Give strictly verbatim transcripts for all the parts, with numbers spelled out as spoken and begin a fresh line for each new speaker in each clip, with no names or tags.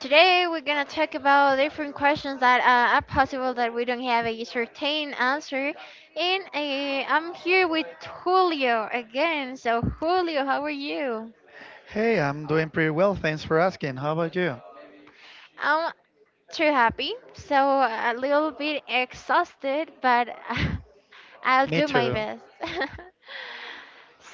today we're gonna talk about different questions that uh, are possible that we don't have a certain answer. And uh, I'm here with Julio again. So Julio, how are you?
Hey, I'm doing pretty well. Thanks for asking. How about you?
I'm too happy. So a little bit exhausted, but I'll
Me
do my
too.
best.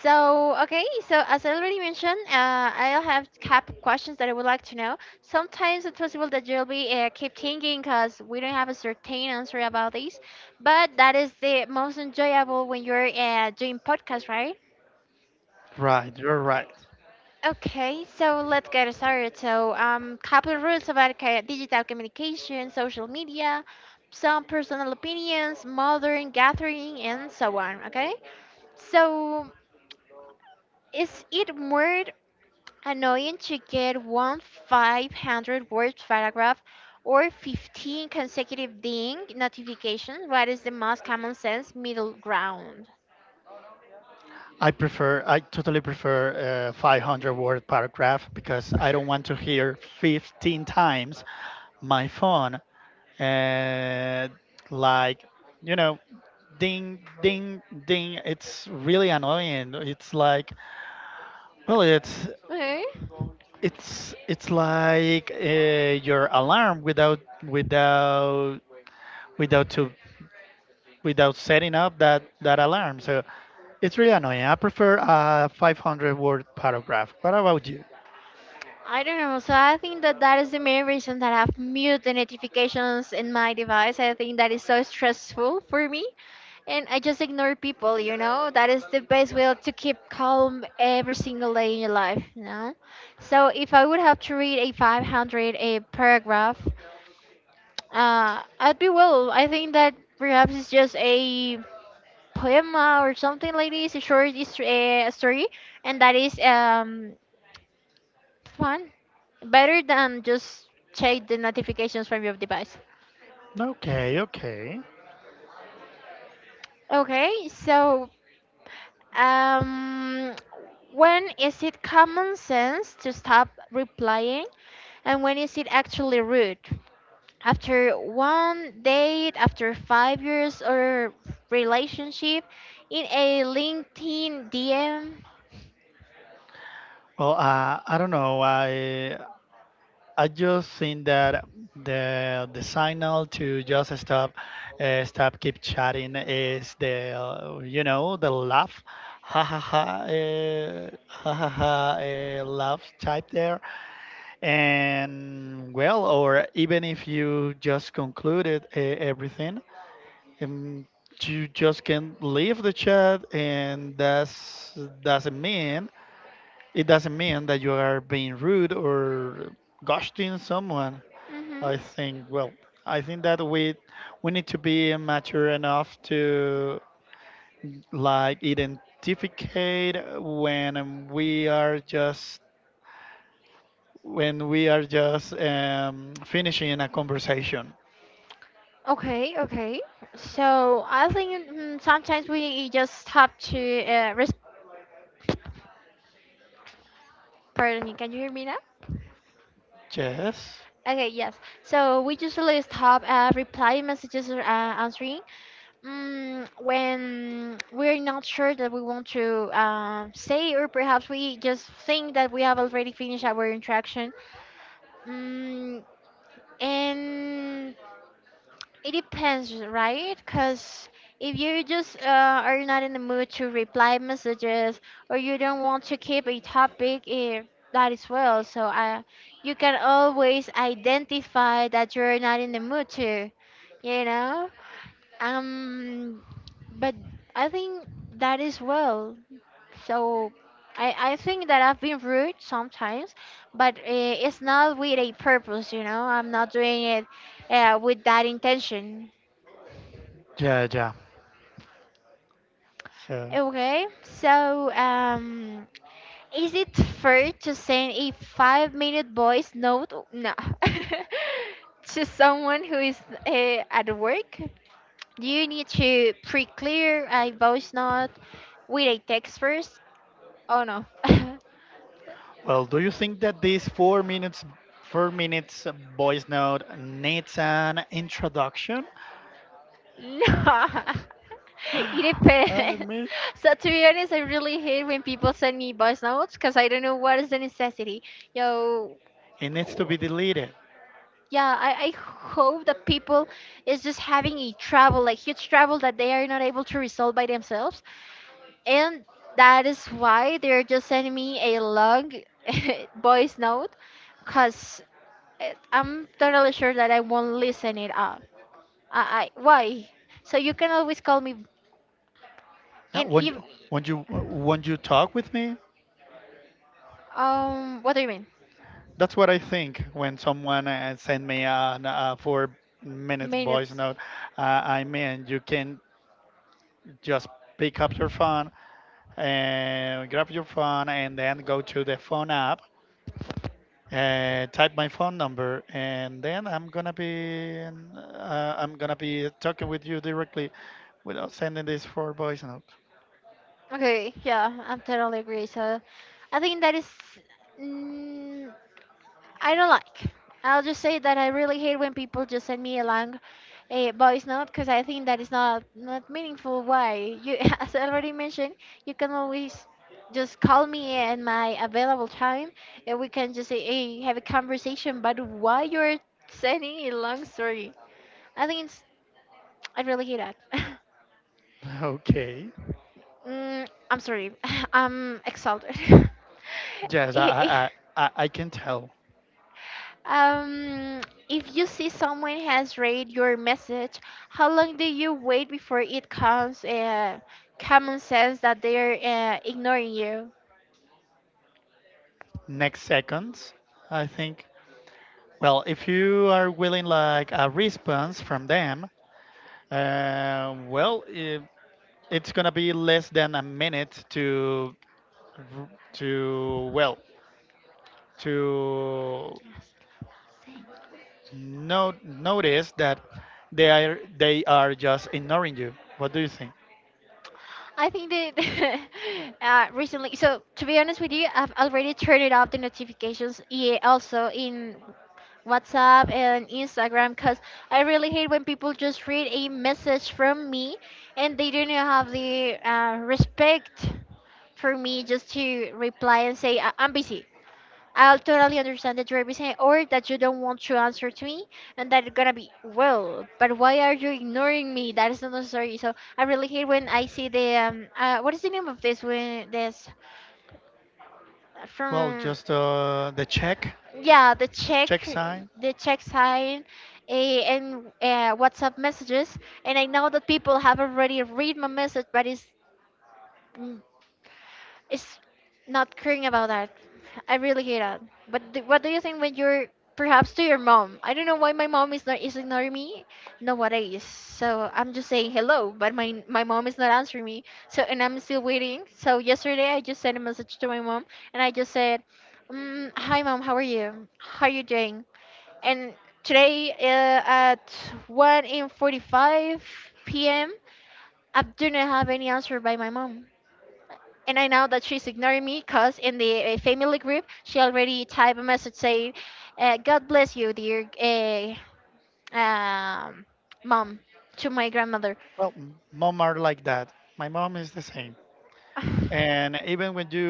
So, okay, so as I already mentioned, uh, I'll have cap questions that I would like to know. Sometimes it's possible that you'll be uh, keep thinking because we don't have a certain answer about this, but that is the most enjoyable when you're uh, doing podcast, right?
Right, you're right.
Okay, so let's get started. So, um, couple rules about ca- digital communication, social media, some personal opinions, modern gathering, and so on. Okay, so is it more annoying to get one five hundred word paragraph or fifteen consecutive ding notifications? What is the most common sense middle ground?
I prefer, I totally prefer a five hundred word paragraph because I don't want to hear fifteen times my phone, uh, like, you know, ding, ding, ding. It's really annoying. It's like, well, it's,
Okay.
it's, it's like uh, your alarm without, without, without to without setting up that, that alarm. So it's really annoying. I prefer a five hundred word paragraph. What about you?
I don't know. So I think that that is the main reason that I've muted the notifications in my device. I think that is so stressful for me. And I just ignore people, you know? That is the best way to keep calm every single day in your life, you know? So if I would have to read a five hundred a paragraph, uh, I'd be well. I think that perhaps it's just a poema or something like this, a short his- uh, story, and that is um, fun. Better than just check the notifications from your device.
Okay, okay.
Okay, so Um, when is it common sense to stop replying and when is it actually rude? After one date, after five years or relationship, in a LinkedIn D M?
Well, uh, I don't know. I I just think that the the signal to just stop, uh, stop, keep chatting is the uh, you know the laugh, ha ha ha, uh, ha ha ha, uh, laugh type there, and well, or even if you just concluded uh, everything, and you just can leave the chat, and that's doesn't mean it doesn't mean that you are being rude or ghosting someone.
Hmm.
I think, well, I think that we we need to be mature enough to, like, identificate when we are just when we are just um, finishing a conversation.
Okay, okay. So I think mm, sometimes we just have to uh, res- pardon me. Can you hear me now?
Yes.
Okay, yes. So we usually stop uh, replying messages or uh, answering. Mm, when we're not sure that we want to um, say, or perhaps we just think that we have already finished our interaction. Mm, and it depends, right? Because if you just uh, are not in the mood to reply messages, or you don't want to keep a topic, eh, that is well. So uh, you can always identify that you're not in the mood to, you know? Um, but I think that is well. So I I think that I've been rude sometimes, but uh, it's not with a purpose, you know. I'm not doing it uh, with that intention.
Yeah, yeah. Sure.
Okay, so um, is it fair to send a five-minute voice note? No. To someone who is uh, at work, do you need to pre-clear a voice note with a text first? Oh no.
Well, do you think that this four minute four minute voice note needs an introduction?
No. It
I
depends.
mean,
So to be honest, I really hate when people send me voice notes because I don't know what is the necessity. Yo,
it needs to be deleted.
yeah, I, I hope that people is just having a trouble, like huge trouble that they are not able to resolve by themselves. And that is why they're just sending me a long voice note because I'm totally sure that I won't listen it up. I, I why? So you can always call me.
Uh,
And
Won't
if
you, won't you, won't you talk with me?
um, what do you mean?
That's what I think when someone uh, sent me a, a four minute voice
Minutes.
note. Uh, I mean, you can just pick up your phone and grab your phone and then go to the phone app and type my phone number, and then I'm gonna be uh, I'm gonna be talking with you directly without sending this for voice note.
Okay, yeah, I'm totally agree. So, I think that is, mm, I don't like. I'll just say that I really hate when people just send me a long a voice note because I think that is not not meaningful. Why? You, as I already mentioned, you can always just call me at my available time, and we can just say, hey, have a conversation. But why you're sending a long story? I think it's I really hate that.
Okay.
Mm, I'm sorry. I'm exalted.
Yes, I I,
I-
I, I I can tell.
um, if you see someone has read your message, how long do you wait before it comes? Uh, common sense that they're uh, ignoring you.
Next seconds, I think. Well, if you are willing like a response from them, uh, well, i- it's gonna be less than a minute to r- to well to no, notice that they are they are just ignoring you. What do you think?
I think that uh, recently, so to be honest with you, I've already turned it off the notifications. Yeah, also in WhatsApp and Instagram because I really hate when people just read a message from me and they don't have the uh, respect for me just to reply and say, "I- I'm busy. I'll totally understand that you're busy or that you don't want to answer to me and that it's gonna be, well, but why are you ignoring me? That is not necessary. So I really hate when I see the, um, uh, what is the name of this, when this, uh,
Well,
from
just uh, the check
yeah the check
check sign.
the check sign eh, and uh, whatsapp messages, and I know that people have already read my message, but it's mm, it's not caring about that. I really hate that. But d what do you think when you're perhaps to your mom? I don't know why my mom is not is ignoring me nowadays. So I'm just saying hello but my my mom is not answering me. So and I'm still waiting. So yesterday I just sent a message to my mom and I just said, Mm, hi mom, how are you? How are you doing? And today uh, at one in forty-five p m, I do not have any answer by my mom. And I know that she's ignoring me because in the uh, family group, she already typed a message saying, uh, God bless you, dear uh, um, mom, to my grandmother.
Well, m- mom are like that. My mom is the same. And even when you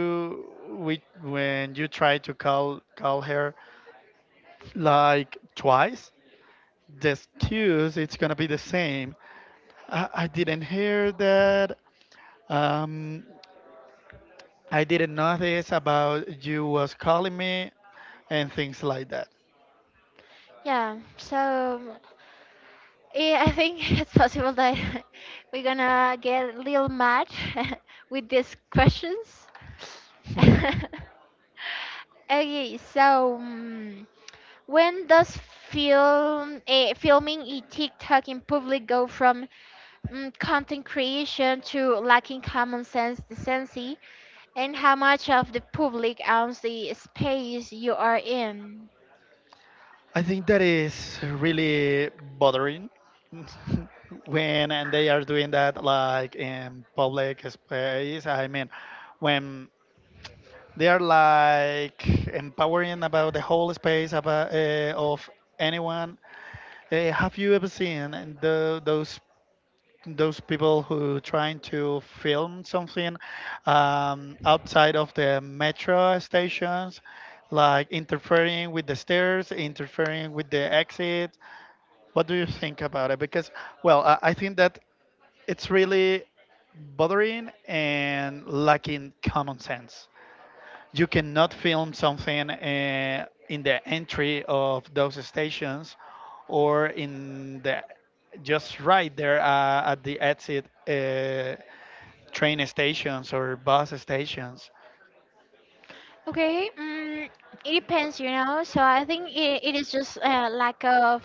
we, when you try to call call her like twice, the excuse it's gonna be the same. I, I didn't hear that. Um, I didn't notice about you was calling me and things like that.
Yeah, so yeah, I think it's possible that we're gonna get a little mad with these questions. Okay, so mm, when does film eh, filming a TikTok in public go from mm, content creation to lacking common sense decency, and how much of the public owns the space you are in?
I think that is really bothering when and they are doing that like in public space. I mean, when they are like empowering about the whole space about, uh, of anyone. Uh, have you ever seen the, those those people who trying to film something um, outside of the metro stations, like interfering with the stairs, interfering with the exit. What do you think about it? Because, well, I, I think that it's really bothering and lacking common sense. You cannot film something uh, in the entry of those stations or in the just right there uh, at the exit uh, train stations or bus stations.
Okay, mm, it depends, you know. So I think it, it is just a lack of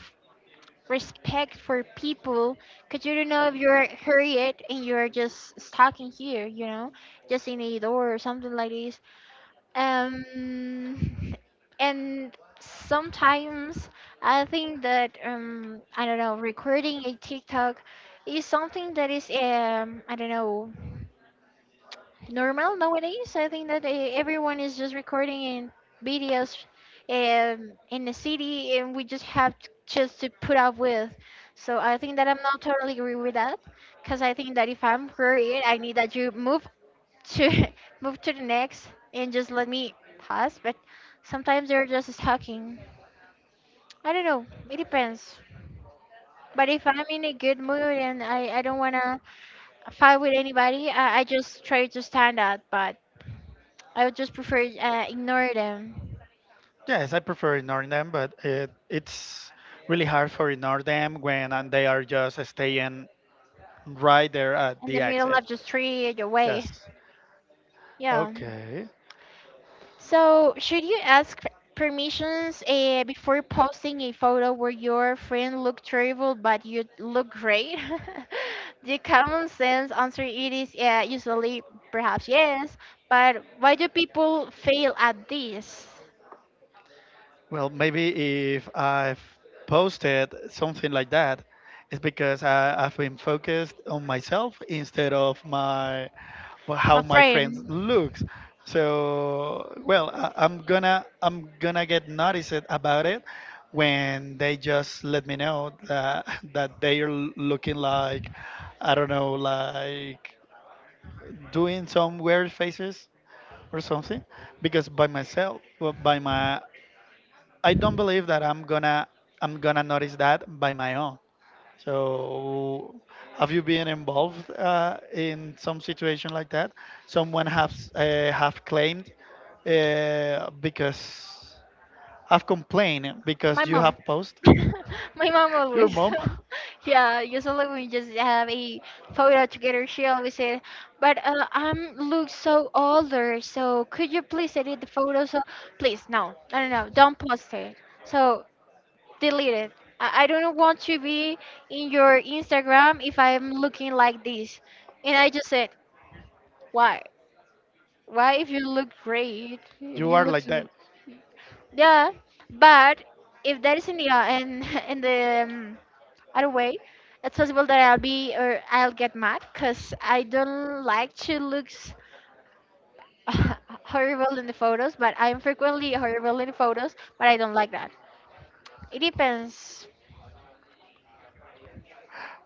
respect for people because you don't know if you're hurried and you're just stuck in here, you know, just in a door or something like this. Um, and sometimes I think that um, I don't know, recording a TikTok is something that is um, I don't know normal nowadays. I think that eh, everyone is just recording in videos um, in the city, and we just have to, just to put up with. So I think that I'm not totally agree with that, because I think that if I'm worried, I need that you move to move to the next and just let me pass. But sometimes they're just stalking. I don't know. It depends. But if I'm in a good mood and I, I don't wanna fight with anybody, I, I just try to stand out. But I would just prefer uh, ignore them
Yes, I prefer ignore them, but it, it's really hard for ignore them when and they are just staying right there at
in the
the
middle
exit.
of the street, your way.
Yes.
Yeah.
Okay.
So, should you ask permissions uh, before posting a photo where your friend look terrible but you look great? The common sense answer it is uh, usually perhaps yes, but why do people fail at this?
Well, maybe if I've posted something like that, it's because I, I've been focused on myself instead of my wh- how
My
my friends
friend.
looks. So, well, I, I'm gonna I'm gonna get noticed about it when they just let me know that that they are l- looking like, I don't know, like doing some weird faces or something, because by myself, well, by my I don't believe that I'm gonna I'm gonna notice that by my own. So, have you been involved uh, in some situation like that? Someone has uh, have claimed uh, because Have complained
My
because you
mom.
have posted.
My mom
Your
always.
mom.
Yeah, usually we just have a photo together. She always said, "But uh, I'm look so older, so could you please edit the photo? So please, no, no, no, no, don't post it. So delete it. I, I don't want to be in your Instagram if I'm looking like this." And I just said, "Why? Why if you look great? If
You
you
are
look
like that.
so yeah, but if that is in the uh, in in the um, either way it's possible that I'll be or I'll get mad because I don't like to look s- horrible in the photos but I'm frequently horrible in photos but I don't like that. It depends.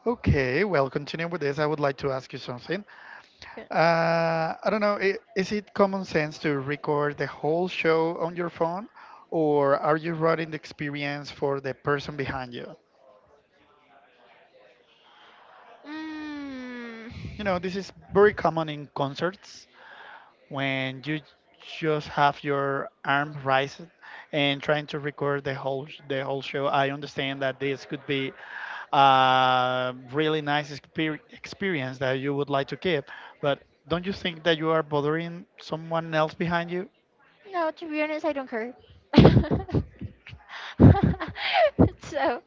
Okay, well, continuing with this, I would like to ask you something. Uh, I don't know. i- Is it common sense to record the whole show on your phone, or are you running the experience for the person behind you?
mm,
You know, this is very common in concerts when you just have your arm raised and trying to record the whole sh- the whole show. I understand that this could be a really nice exper- experience that you would like to keep, but don't you think that you are bothering someone else behind you?
no, to be honest, I don't care. So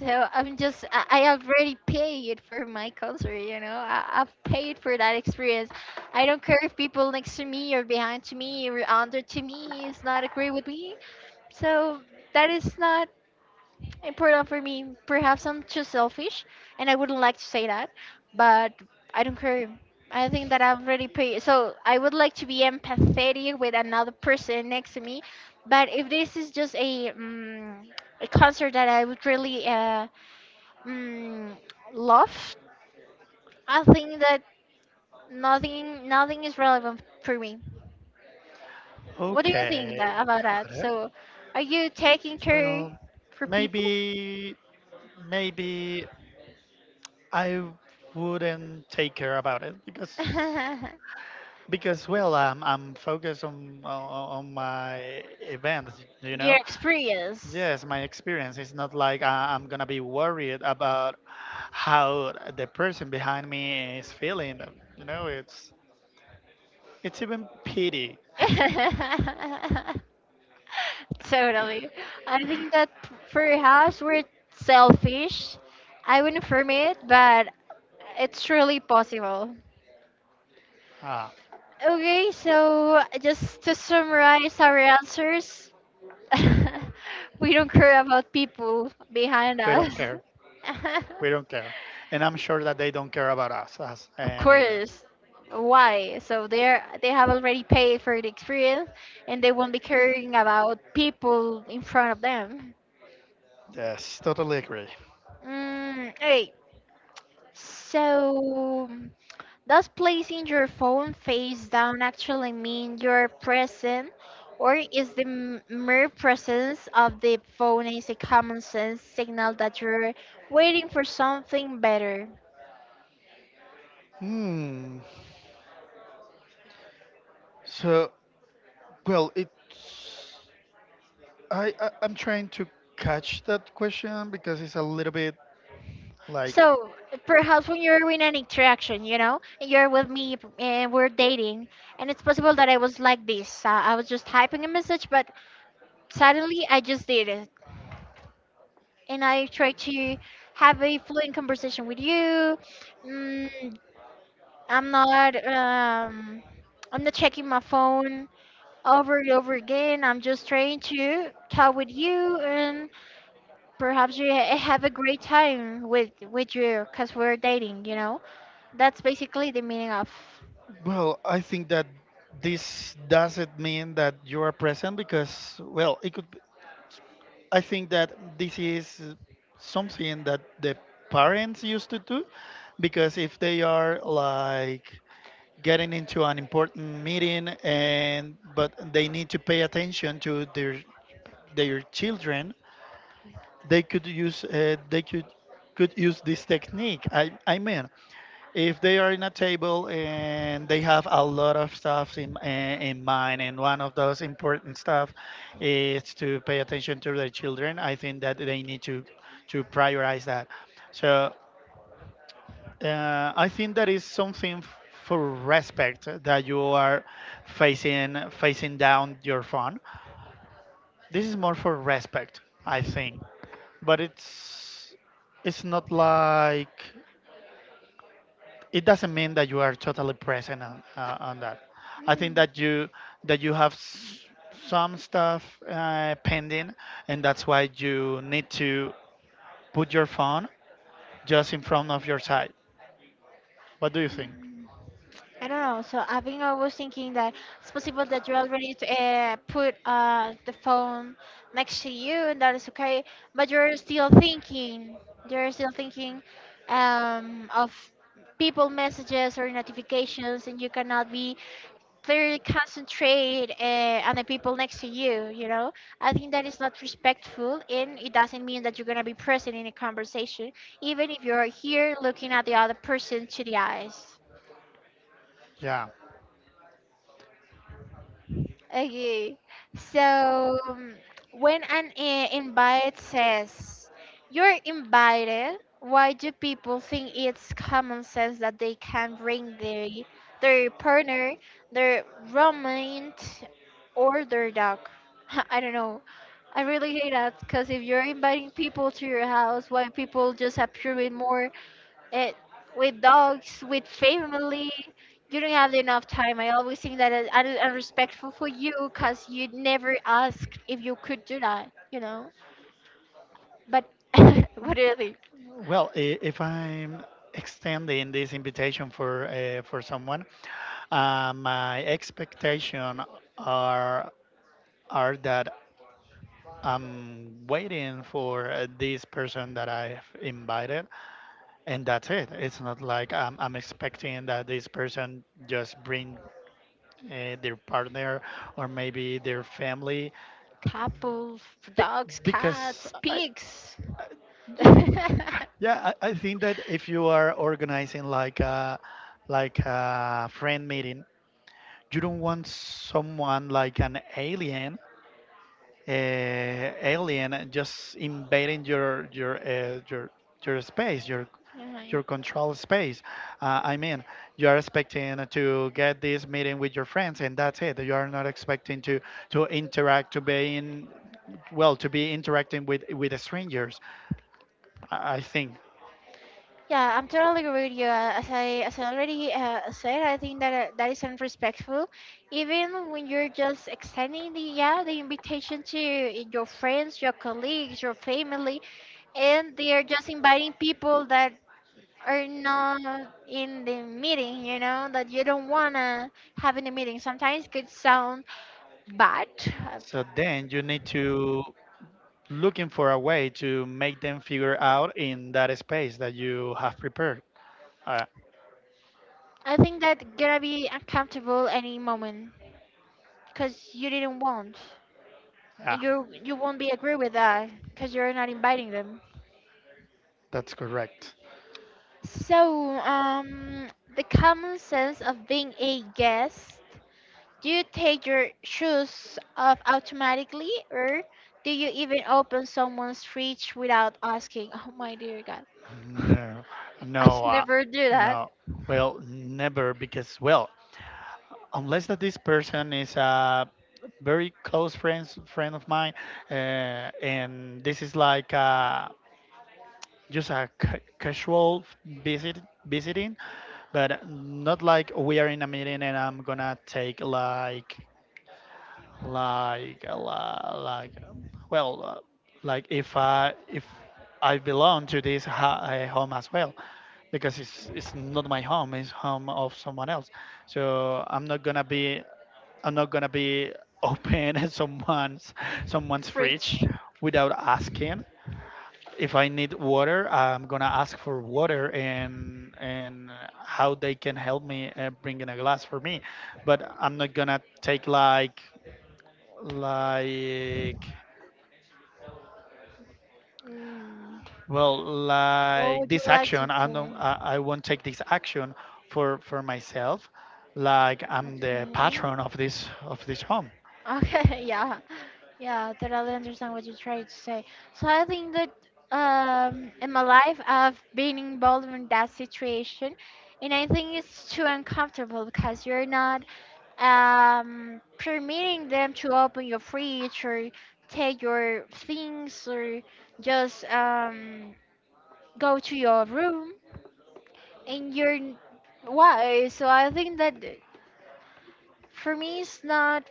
so I'm just i I already paid for my concert, you know. I, i've paid for that experience. I don't care if people next to me or behind to me or under to me is not agree with me. So that is not important for me. Perhaps I'm too selfish, and I wouldn't like to say that, but I don't care. I think that I've already paid. So I would like to be empathetic with another person next to me, but if this is just a um, a concert that I would really uh, um, love, I think that nothing nothing is relevant for me. What do you
Okay,
think that, about
got
that?
it.
So, are you taking care
Well,
for people?
maybe maybe I wouldn't take care about it, because
Your
because, well, I'm I'm focused on on, on my events, you know.
experience.
Yes, my experience. It's not like I, I'm gonna be worried about how the person behind me is feeling. You know, it's it's even pity.
Totally. I think that p- perhaps we're selfish. I wouldn't affirm it, but it's truly possible.
Ah,
Okay, so just to summarize our answers, we don't care about people behind
we
us.
don't care. We don't care. And I'm sure that they don't care about us us,
Of
and either.
course. Why? So they're they have already paid for the experience and they won't be caring about people in front of them.
Yes, totally agree.
Mm, okay. So, does placing your phone face down actually mean you're present, or is the m- mere presence of the phone is a common sense signal that you're waiting for something better?
Hmm. So, well, it's I, I I'm trying to catch that question because it's a little bit like,
So, perhaps when you're in an interaction, you know, and you're with me p- and we're dating, and it's possible that I was like this. Uh, I was just typing a message, but suddenly I just did it, and I try to have a fluent conversation with you. Mm, I'm not um, I'm not checking my phone over and over again. I'm just trying to talk with you, and perhaps you ha- have a great time with with you, cause we're dating. You know, that's basically the meaning of.
well, I think that this doesn't mean that you are present because, well, it could. I think that this is something that the parents used to do, because if they are like getting into an important meeting, and but they need to pay attention to their their children, they could use uh, they could could use this technique. I, I mean, if they are in a table and they have a lot of stuff in, uh, in mind, and one of those important stuff is to pay attention to their children, I think that they need to to prioritize that. So, uh, I think that is something f- for respect that you are facing facing down your phone. This is more for respect, I think. But it's it's not like, it doesn't mean that you are totally present on, uh, on that. I think that you that you have s- some stuff uh, pending, and that's why you need to put your phone just in front of your side. What do you think?
Mm. I don't know. So I think I was thinking that it's possible that you already uh, put uh, the phone next to you, and that is okay. But you're still thinking. You're still thinking um, of people messages or notifications, and you cannot be clearly concentrate uh, on the people next to you. You know, I think that is not respectful, and it doesn't mean that you're gonna be present in a conversation, even if you're here looking at the other person to the eyes.
Yeah.
Okay. So um, when an uh, invite says you're invited, why do people think it's common sense that they can bring their their partner, their roommate, or their dog? I don't know. I really hate that because if you're inviting people to your house, why people just appearing more it with dogs, with family, you don't have enough time. I always think that I- I- i'm respectful for you because you never asked if you could do that, you know, but what are they,
Well, i- if I'm extending this invitation for uh, for someone, uh, my expectation are are that I'm waiting for uh, this person that I've invited, and that's it. It's not like I'm, I'm expecting that this person just bring uh, their partner or maybe their family.
couples,
Be-
dogs,
because
cats,
I,
pigs.
I- Yeah, I, I think that if you are organizing like a like a friend meeting, you don't want someone like an alien, uh, alien just invading your your uh, your your space, your
Yeah.
your control space. Uh, I mean, you are expecting to get this meeting with your friends, and that's it. You are not expecting to to interact, to be in, well, to be interacting with with strangers. I I think.
Yeah, I'm totally agree with you. Uh, As I as I already uh, said, I think that uh, that is unrespectful. Even when you're just extending the, yeah, the invitation to your friends, your colleagues, your family, and they are just inviting people that are not in the meeting. You know that you don't wanna have in the meeting. Sometimes could sound bad.
So then you need to looking for a way to make them figure out in that space that you have prepared. Uh,
I think that gonna be uncomfortable any moment because you didn't want.
yeah,
And you you won't be agree with that because you're not inviting them.
that's correct.
So, um, the common sense of being a guest, do you take your shoes off automatically or do you even open someone's fridge without asking? Oh my dear God.
No,
I
no, uh,
never do that.
no. Well, never, because well, unless that this person is a very close friends friend of mine, uh, and this is like uh, just a ca- casual visit visiting, but not like we are in a meeting and I'm gonna take like like uh, li- like um, well uh, like, if I if I belong to this ha- uh, home as well, because it's it's not my home, it's home of someone else. So i'm not gonna be I'm not gonna be open at someone's someone's fridge
Fridge.
without asking. If I need water, I'm gonna ask for water and and how they can help me uh, bringing a glass for me, but I'm not gonna take like like
Mm,
well,
what
like
would you
this
like to
action. I don't
say?
I, I won't take this action for for myself, like I'm the
Okay.
patron of this of this home.
Okay, yeah, yeah, totally understand what you try to say. So I think that um, in my life I've been involved in that situation, and I think it's too uncomfortable because you're not um, permitting them to open your fridge, or take your things, or just um, go to your room, and you're n- why? So I think that for me it's not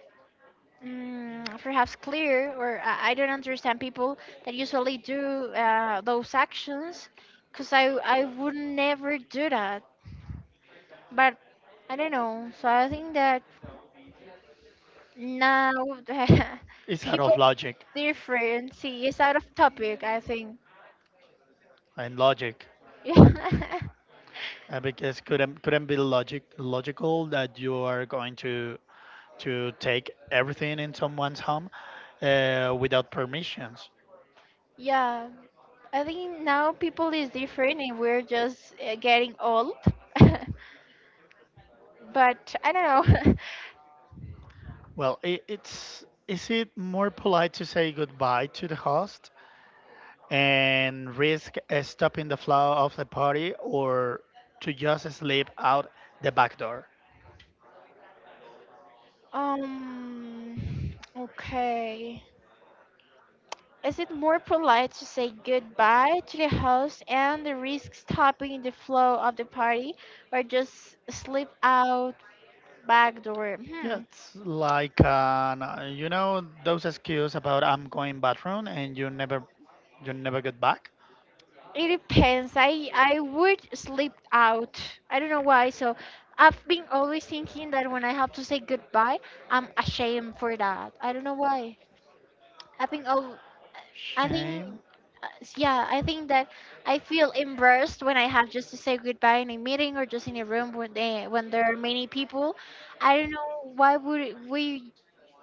mm, perhaps clear, or I, I don't understand people that usually do uh, those actions because I, I would never do that, but I don't know. So I think that now
It's out of
people
logic
different, see, it's out of topic I think.
and logic,
Yeah.
uh, because couldn't couldn't be logic logical that you are going to to take everything in someone's home uh, without permissions.
Yeah. I think now people is different and we're just uh, getting old but I don't know.
Well, it, it's, is it more polite to say goodbye to the host and risk uh, stopping the flow of the party, or to just slip out the back door.
Um, okay. Is it more polite to say goodbye to the host and risk stopping the flow of the party, or just slip out back door?
Yeah,
Hmm.
it's like an, uh, you know those excuses about I'm going bathroom and you never you never get back.
It depends. I I would slip out. I don't know why. So I've been always thinking that when I have to say goodbye, I'm ashamed for that. I don't know why. I've been al I think,
Shame,
uh, s- yeah, I think that I feel embarrassed when I have just to say goodbye in a meeting or just in a room when they, when there are many people. I don't know why would we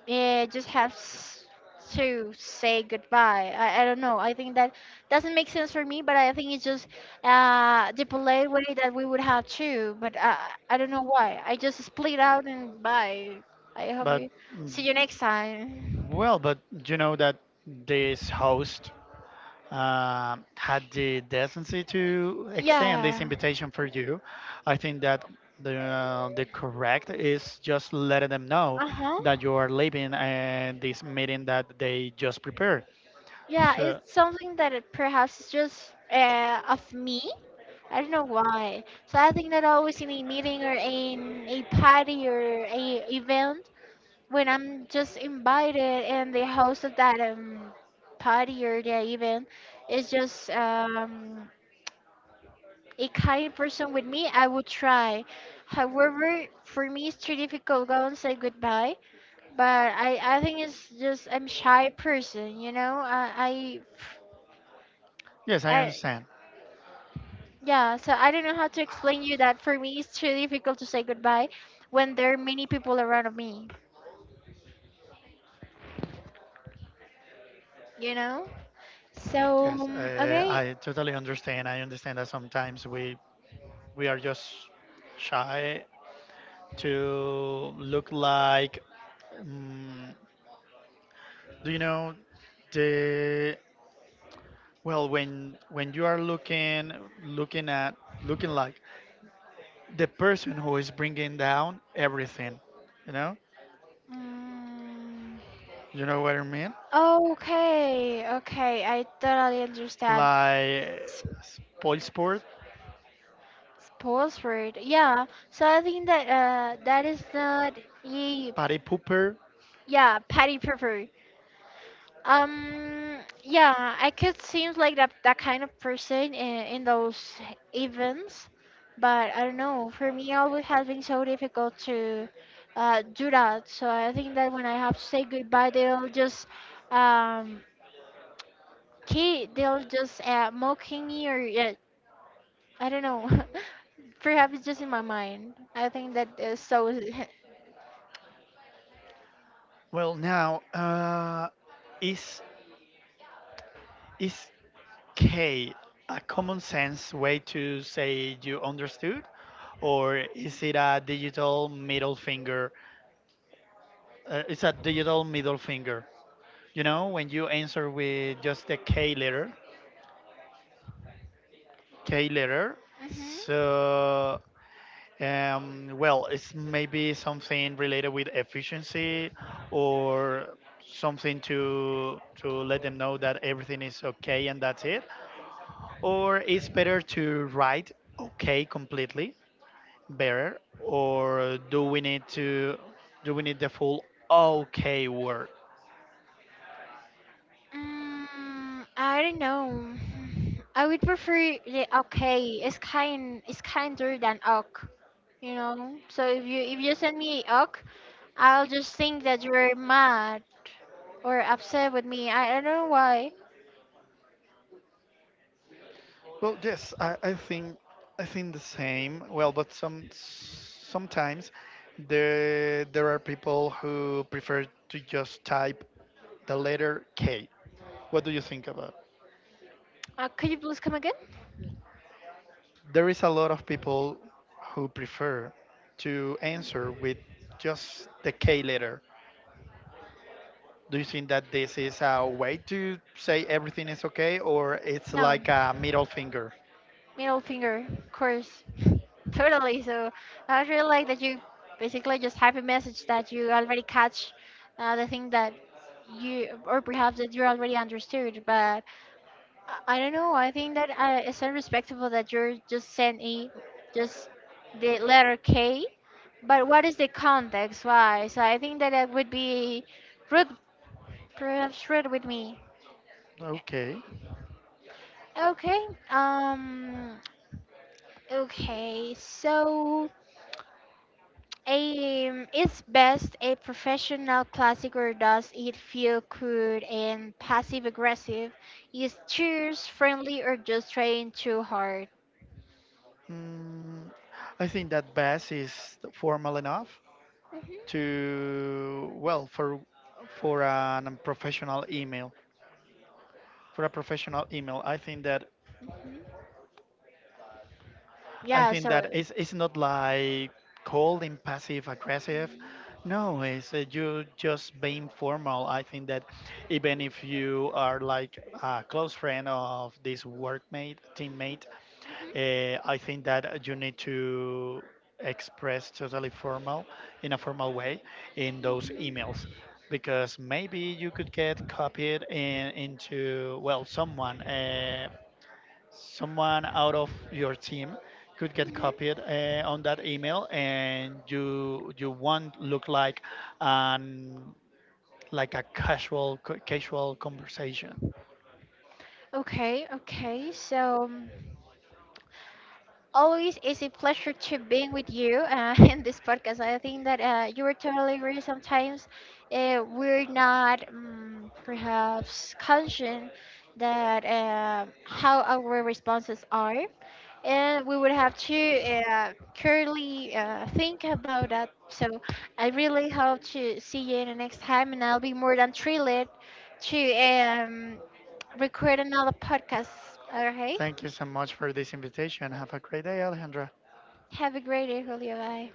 uh, just have s- to say goodbye. I, I don't know. I think that doesn't make sense for me, but I think it's just uh, the polite way that we would have to. But I, I don't know why. I just split out and bye. I hope
but
you
mm,
see you next time.
well, but you know that this host um had the decency to extend this
Yeah.
invitation for you. I think that the uh, the correct is just letting them know
Uh huh.
that you are leaving and this meeting that they just prepared.
Yeah,
So
it's something that it perhaps is just uh, of me. I don't know why. So I think that always in a meeting or in a party or a event, when I'm just invited and the host of that um, party or the event is just um, a kind person with me, I would try. However, for me it's too difficult to go and say goodbye. But I, I think it's just I'm shy person, you know. I,
yes,
I
I
I
understand.
yeah, so I don't know how to explain you that for me it's really difficult to say goodbye when there are many people around me, you know? So,
Yes,
um,
uh,
okay.
I totally understand. I understand that sometimes we we are just shy to look like. Um, do you know the, well, when when you are looking looking at looking like the person who is bringing down everything, you know,
Mm,
you know what I mean?
okay, okay, I totally understand.
Like
S-
spoil sport,
Sponsored, yeah. So I think that uh, that is not, ye-
party pooper.
yeah, patty prefer. Um, yeah, I could seem like that, that kind of person in, in those events, but I don't know. For me, always has been so difficult to uh, do that. So I think that when I have to say goodbye, they'll just um, ki- they'll just uh, mocking me, or yeah, I don't know. Perhaps it's just in my mind. I think that is so.
Well, now uh, is is K a common sense way to say you understood, or is it a digital middle finger? Uh, it's a digital middle finger. You know, when you answer with just the K letter, K letter.
Mhm.
So, um, well, it's maybe something related with efficiency, or something to to let them know that everything is okay, and that's it. Or it's better to write okay completely, better. Or do we need to do we need the full okay word?
Mm, I don't know. I would prefer the okay. It's kind. It's kinder than ok. You know. So if you if you send me ok, I'll just think that you're mad or upset with me. I, I don't know why.
Well, yes, I, I think I think the same. Well, but some sometimes there there are people who prefer to just type the letter K. What do you think about?
Uh, could you please come again?
There is a lot of people who prefer to answer with just the K letter. Do you think that this is a way to say everything is okay, or it's
No.
like a middle finger?
Middle finger, of course. Totally. So I really like that you basically just have a message that you already catch uh, the thing that you, or perhaps that you already understood. But I, I don't know. I think that uh, it's unrespectful that you're just sending just the letter K. But what is the context? Why? So I think that that would be rude, perhaps rude with me.
Okay.
Okay. Um. Okay. So. Um, is best a professional classic, or does it feel crude and passive aggressive? Is cheers friendly, or just trying too hard?
Mm, I think that bass is formal enough,
Mhm.
to well for for an um, professional email. For a professional email, I think that
Mhm.
i
Yeah,
think
so.
that it's, it's not like cold and passive aggressive. No, it's uh, you just being formal. I think that even if you are like a close friend of this workmate teammate,
Mhm,
uh, I think that you need to express totally formal in a formal way in those
mhm,
emails, because maybe you could get copied in, into, well, someone uh, someone out of your team could get
mhm.
copied uh, on that email, and you you won't look like an like a casual casual conversation.
Okay, okay, so. Um, always is a pleasure to being with you uh, in this podcast. I think that uh, you were totally right. Sometimes uh, we're not um, perhaps conscious that uh, how our responses are, and we would have to uh, clearly uh, think about that. So I really hope to see you in the next time, and I'll be more than thrilled to um, record another podcast. Okay,
Thank you so much for this invitation. Have a great day, Alejandra.
have a great day, Julio. Bye.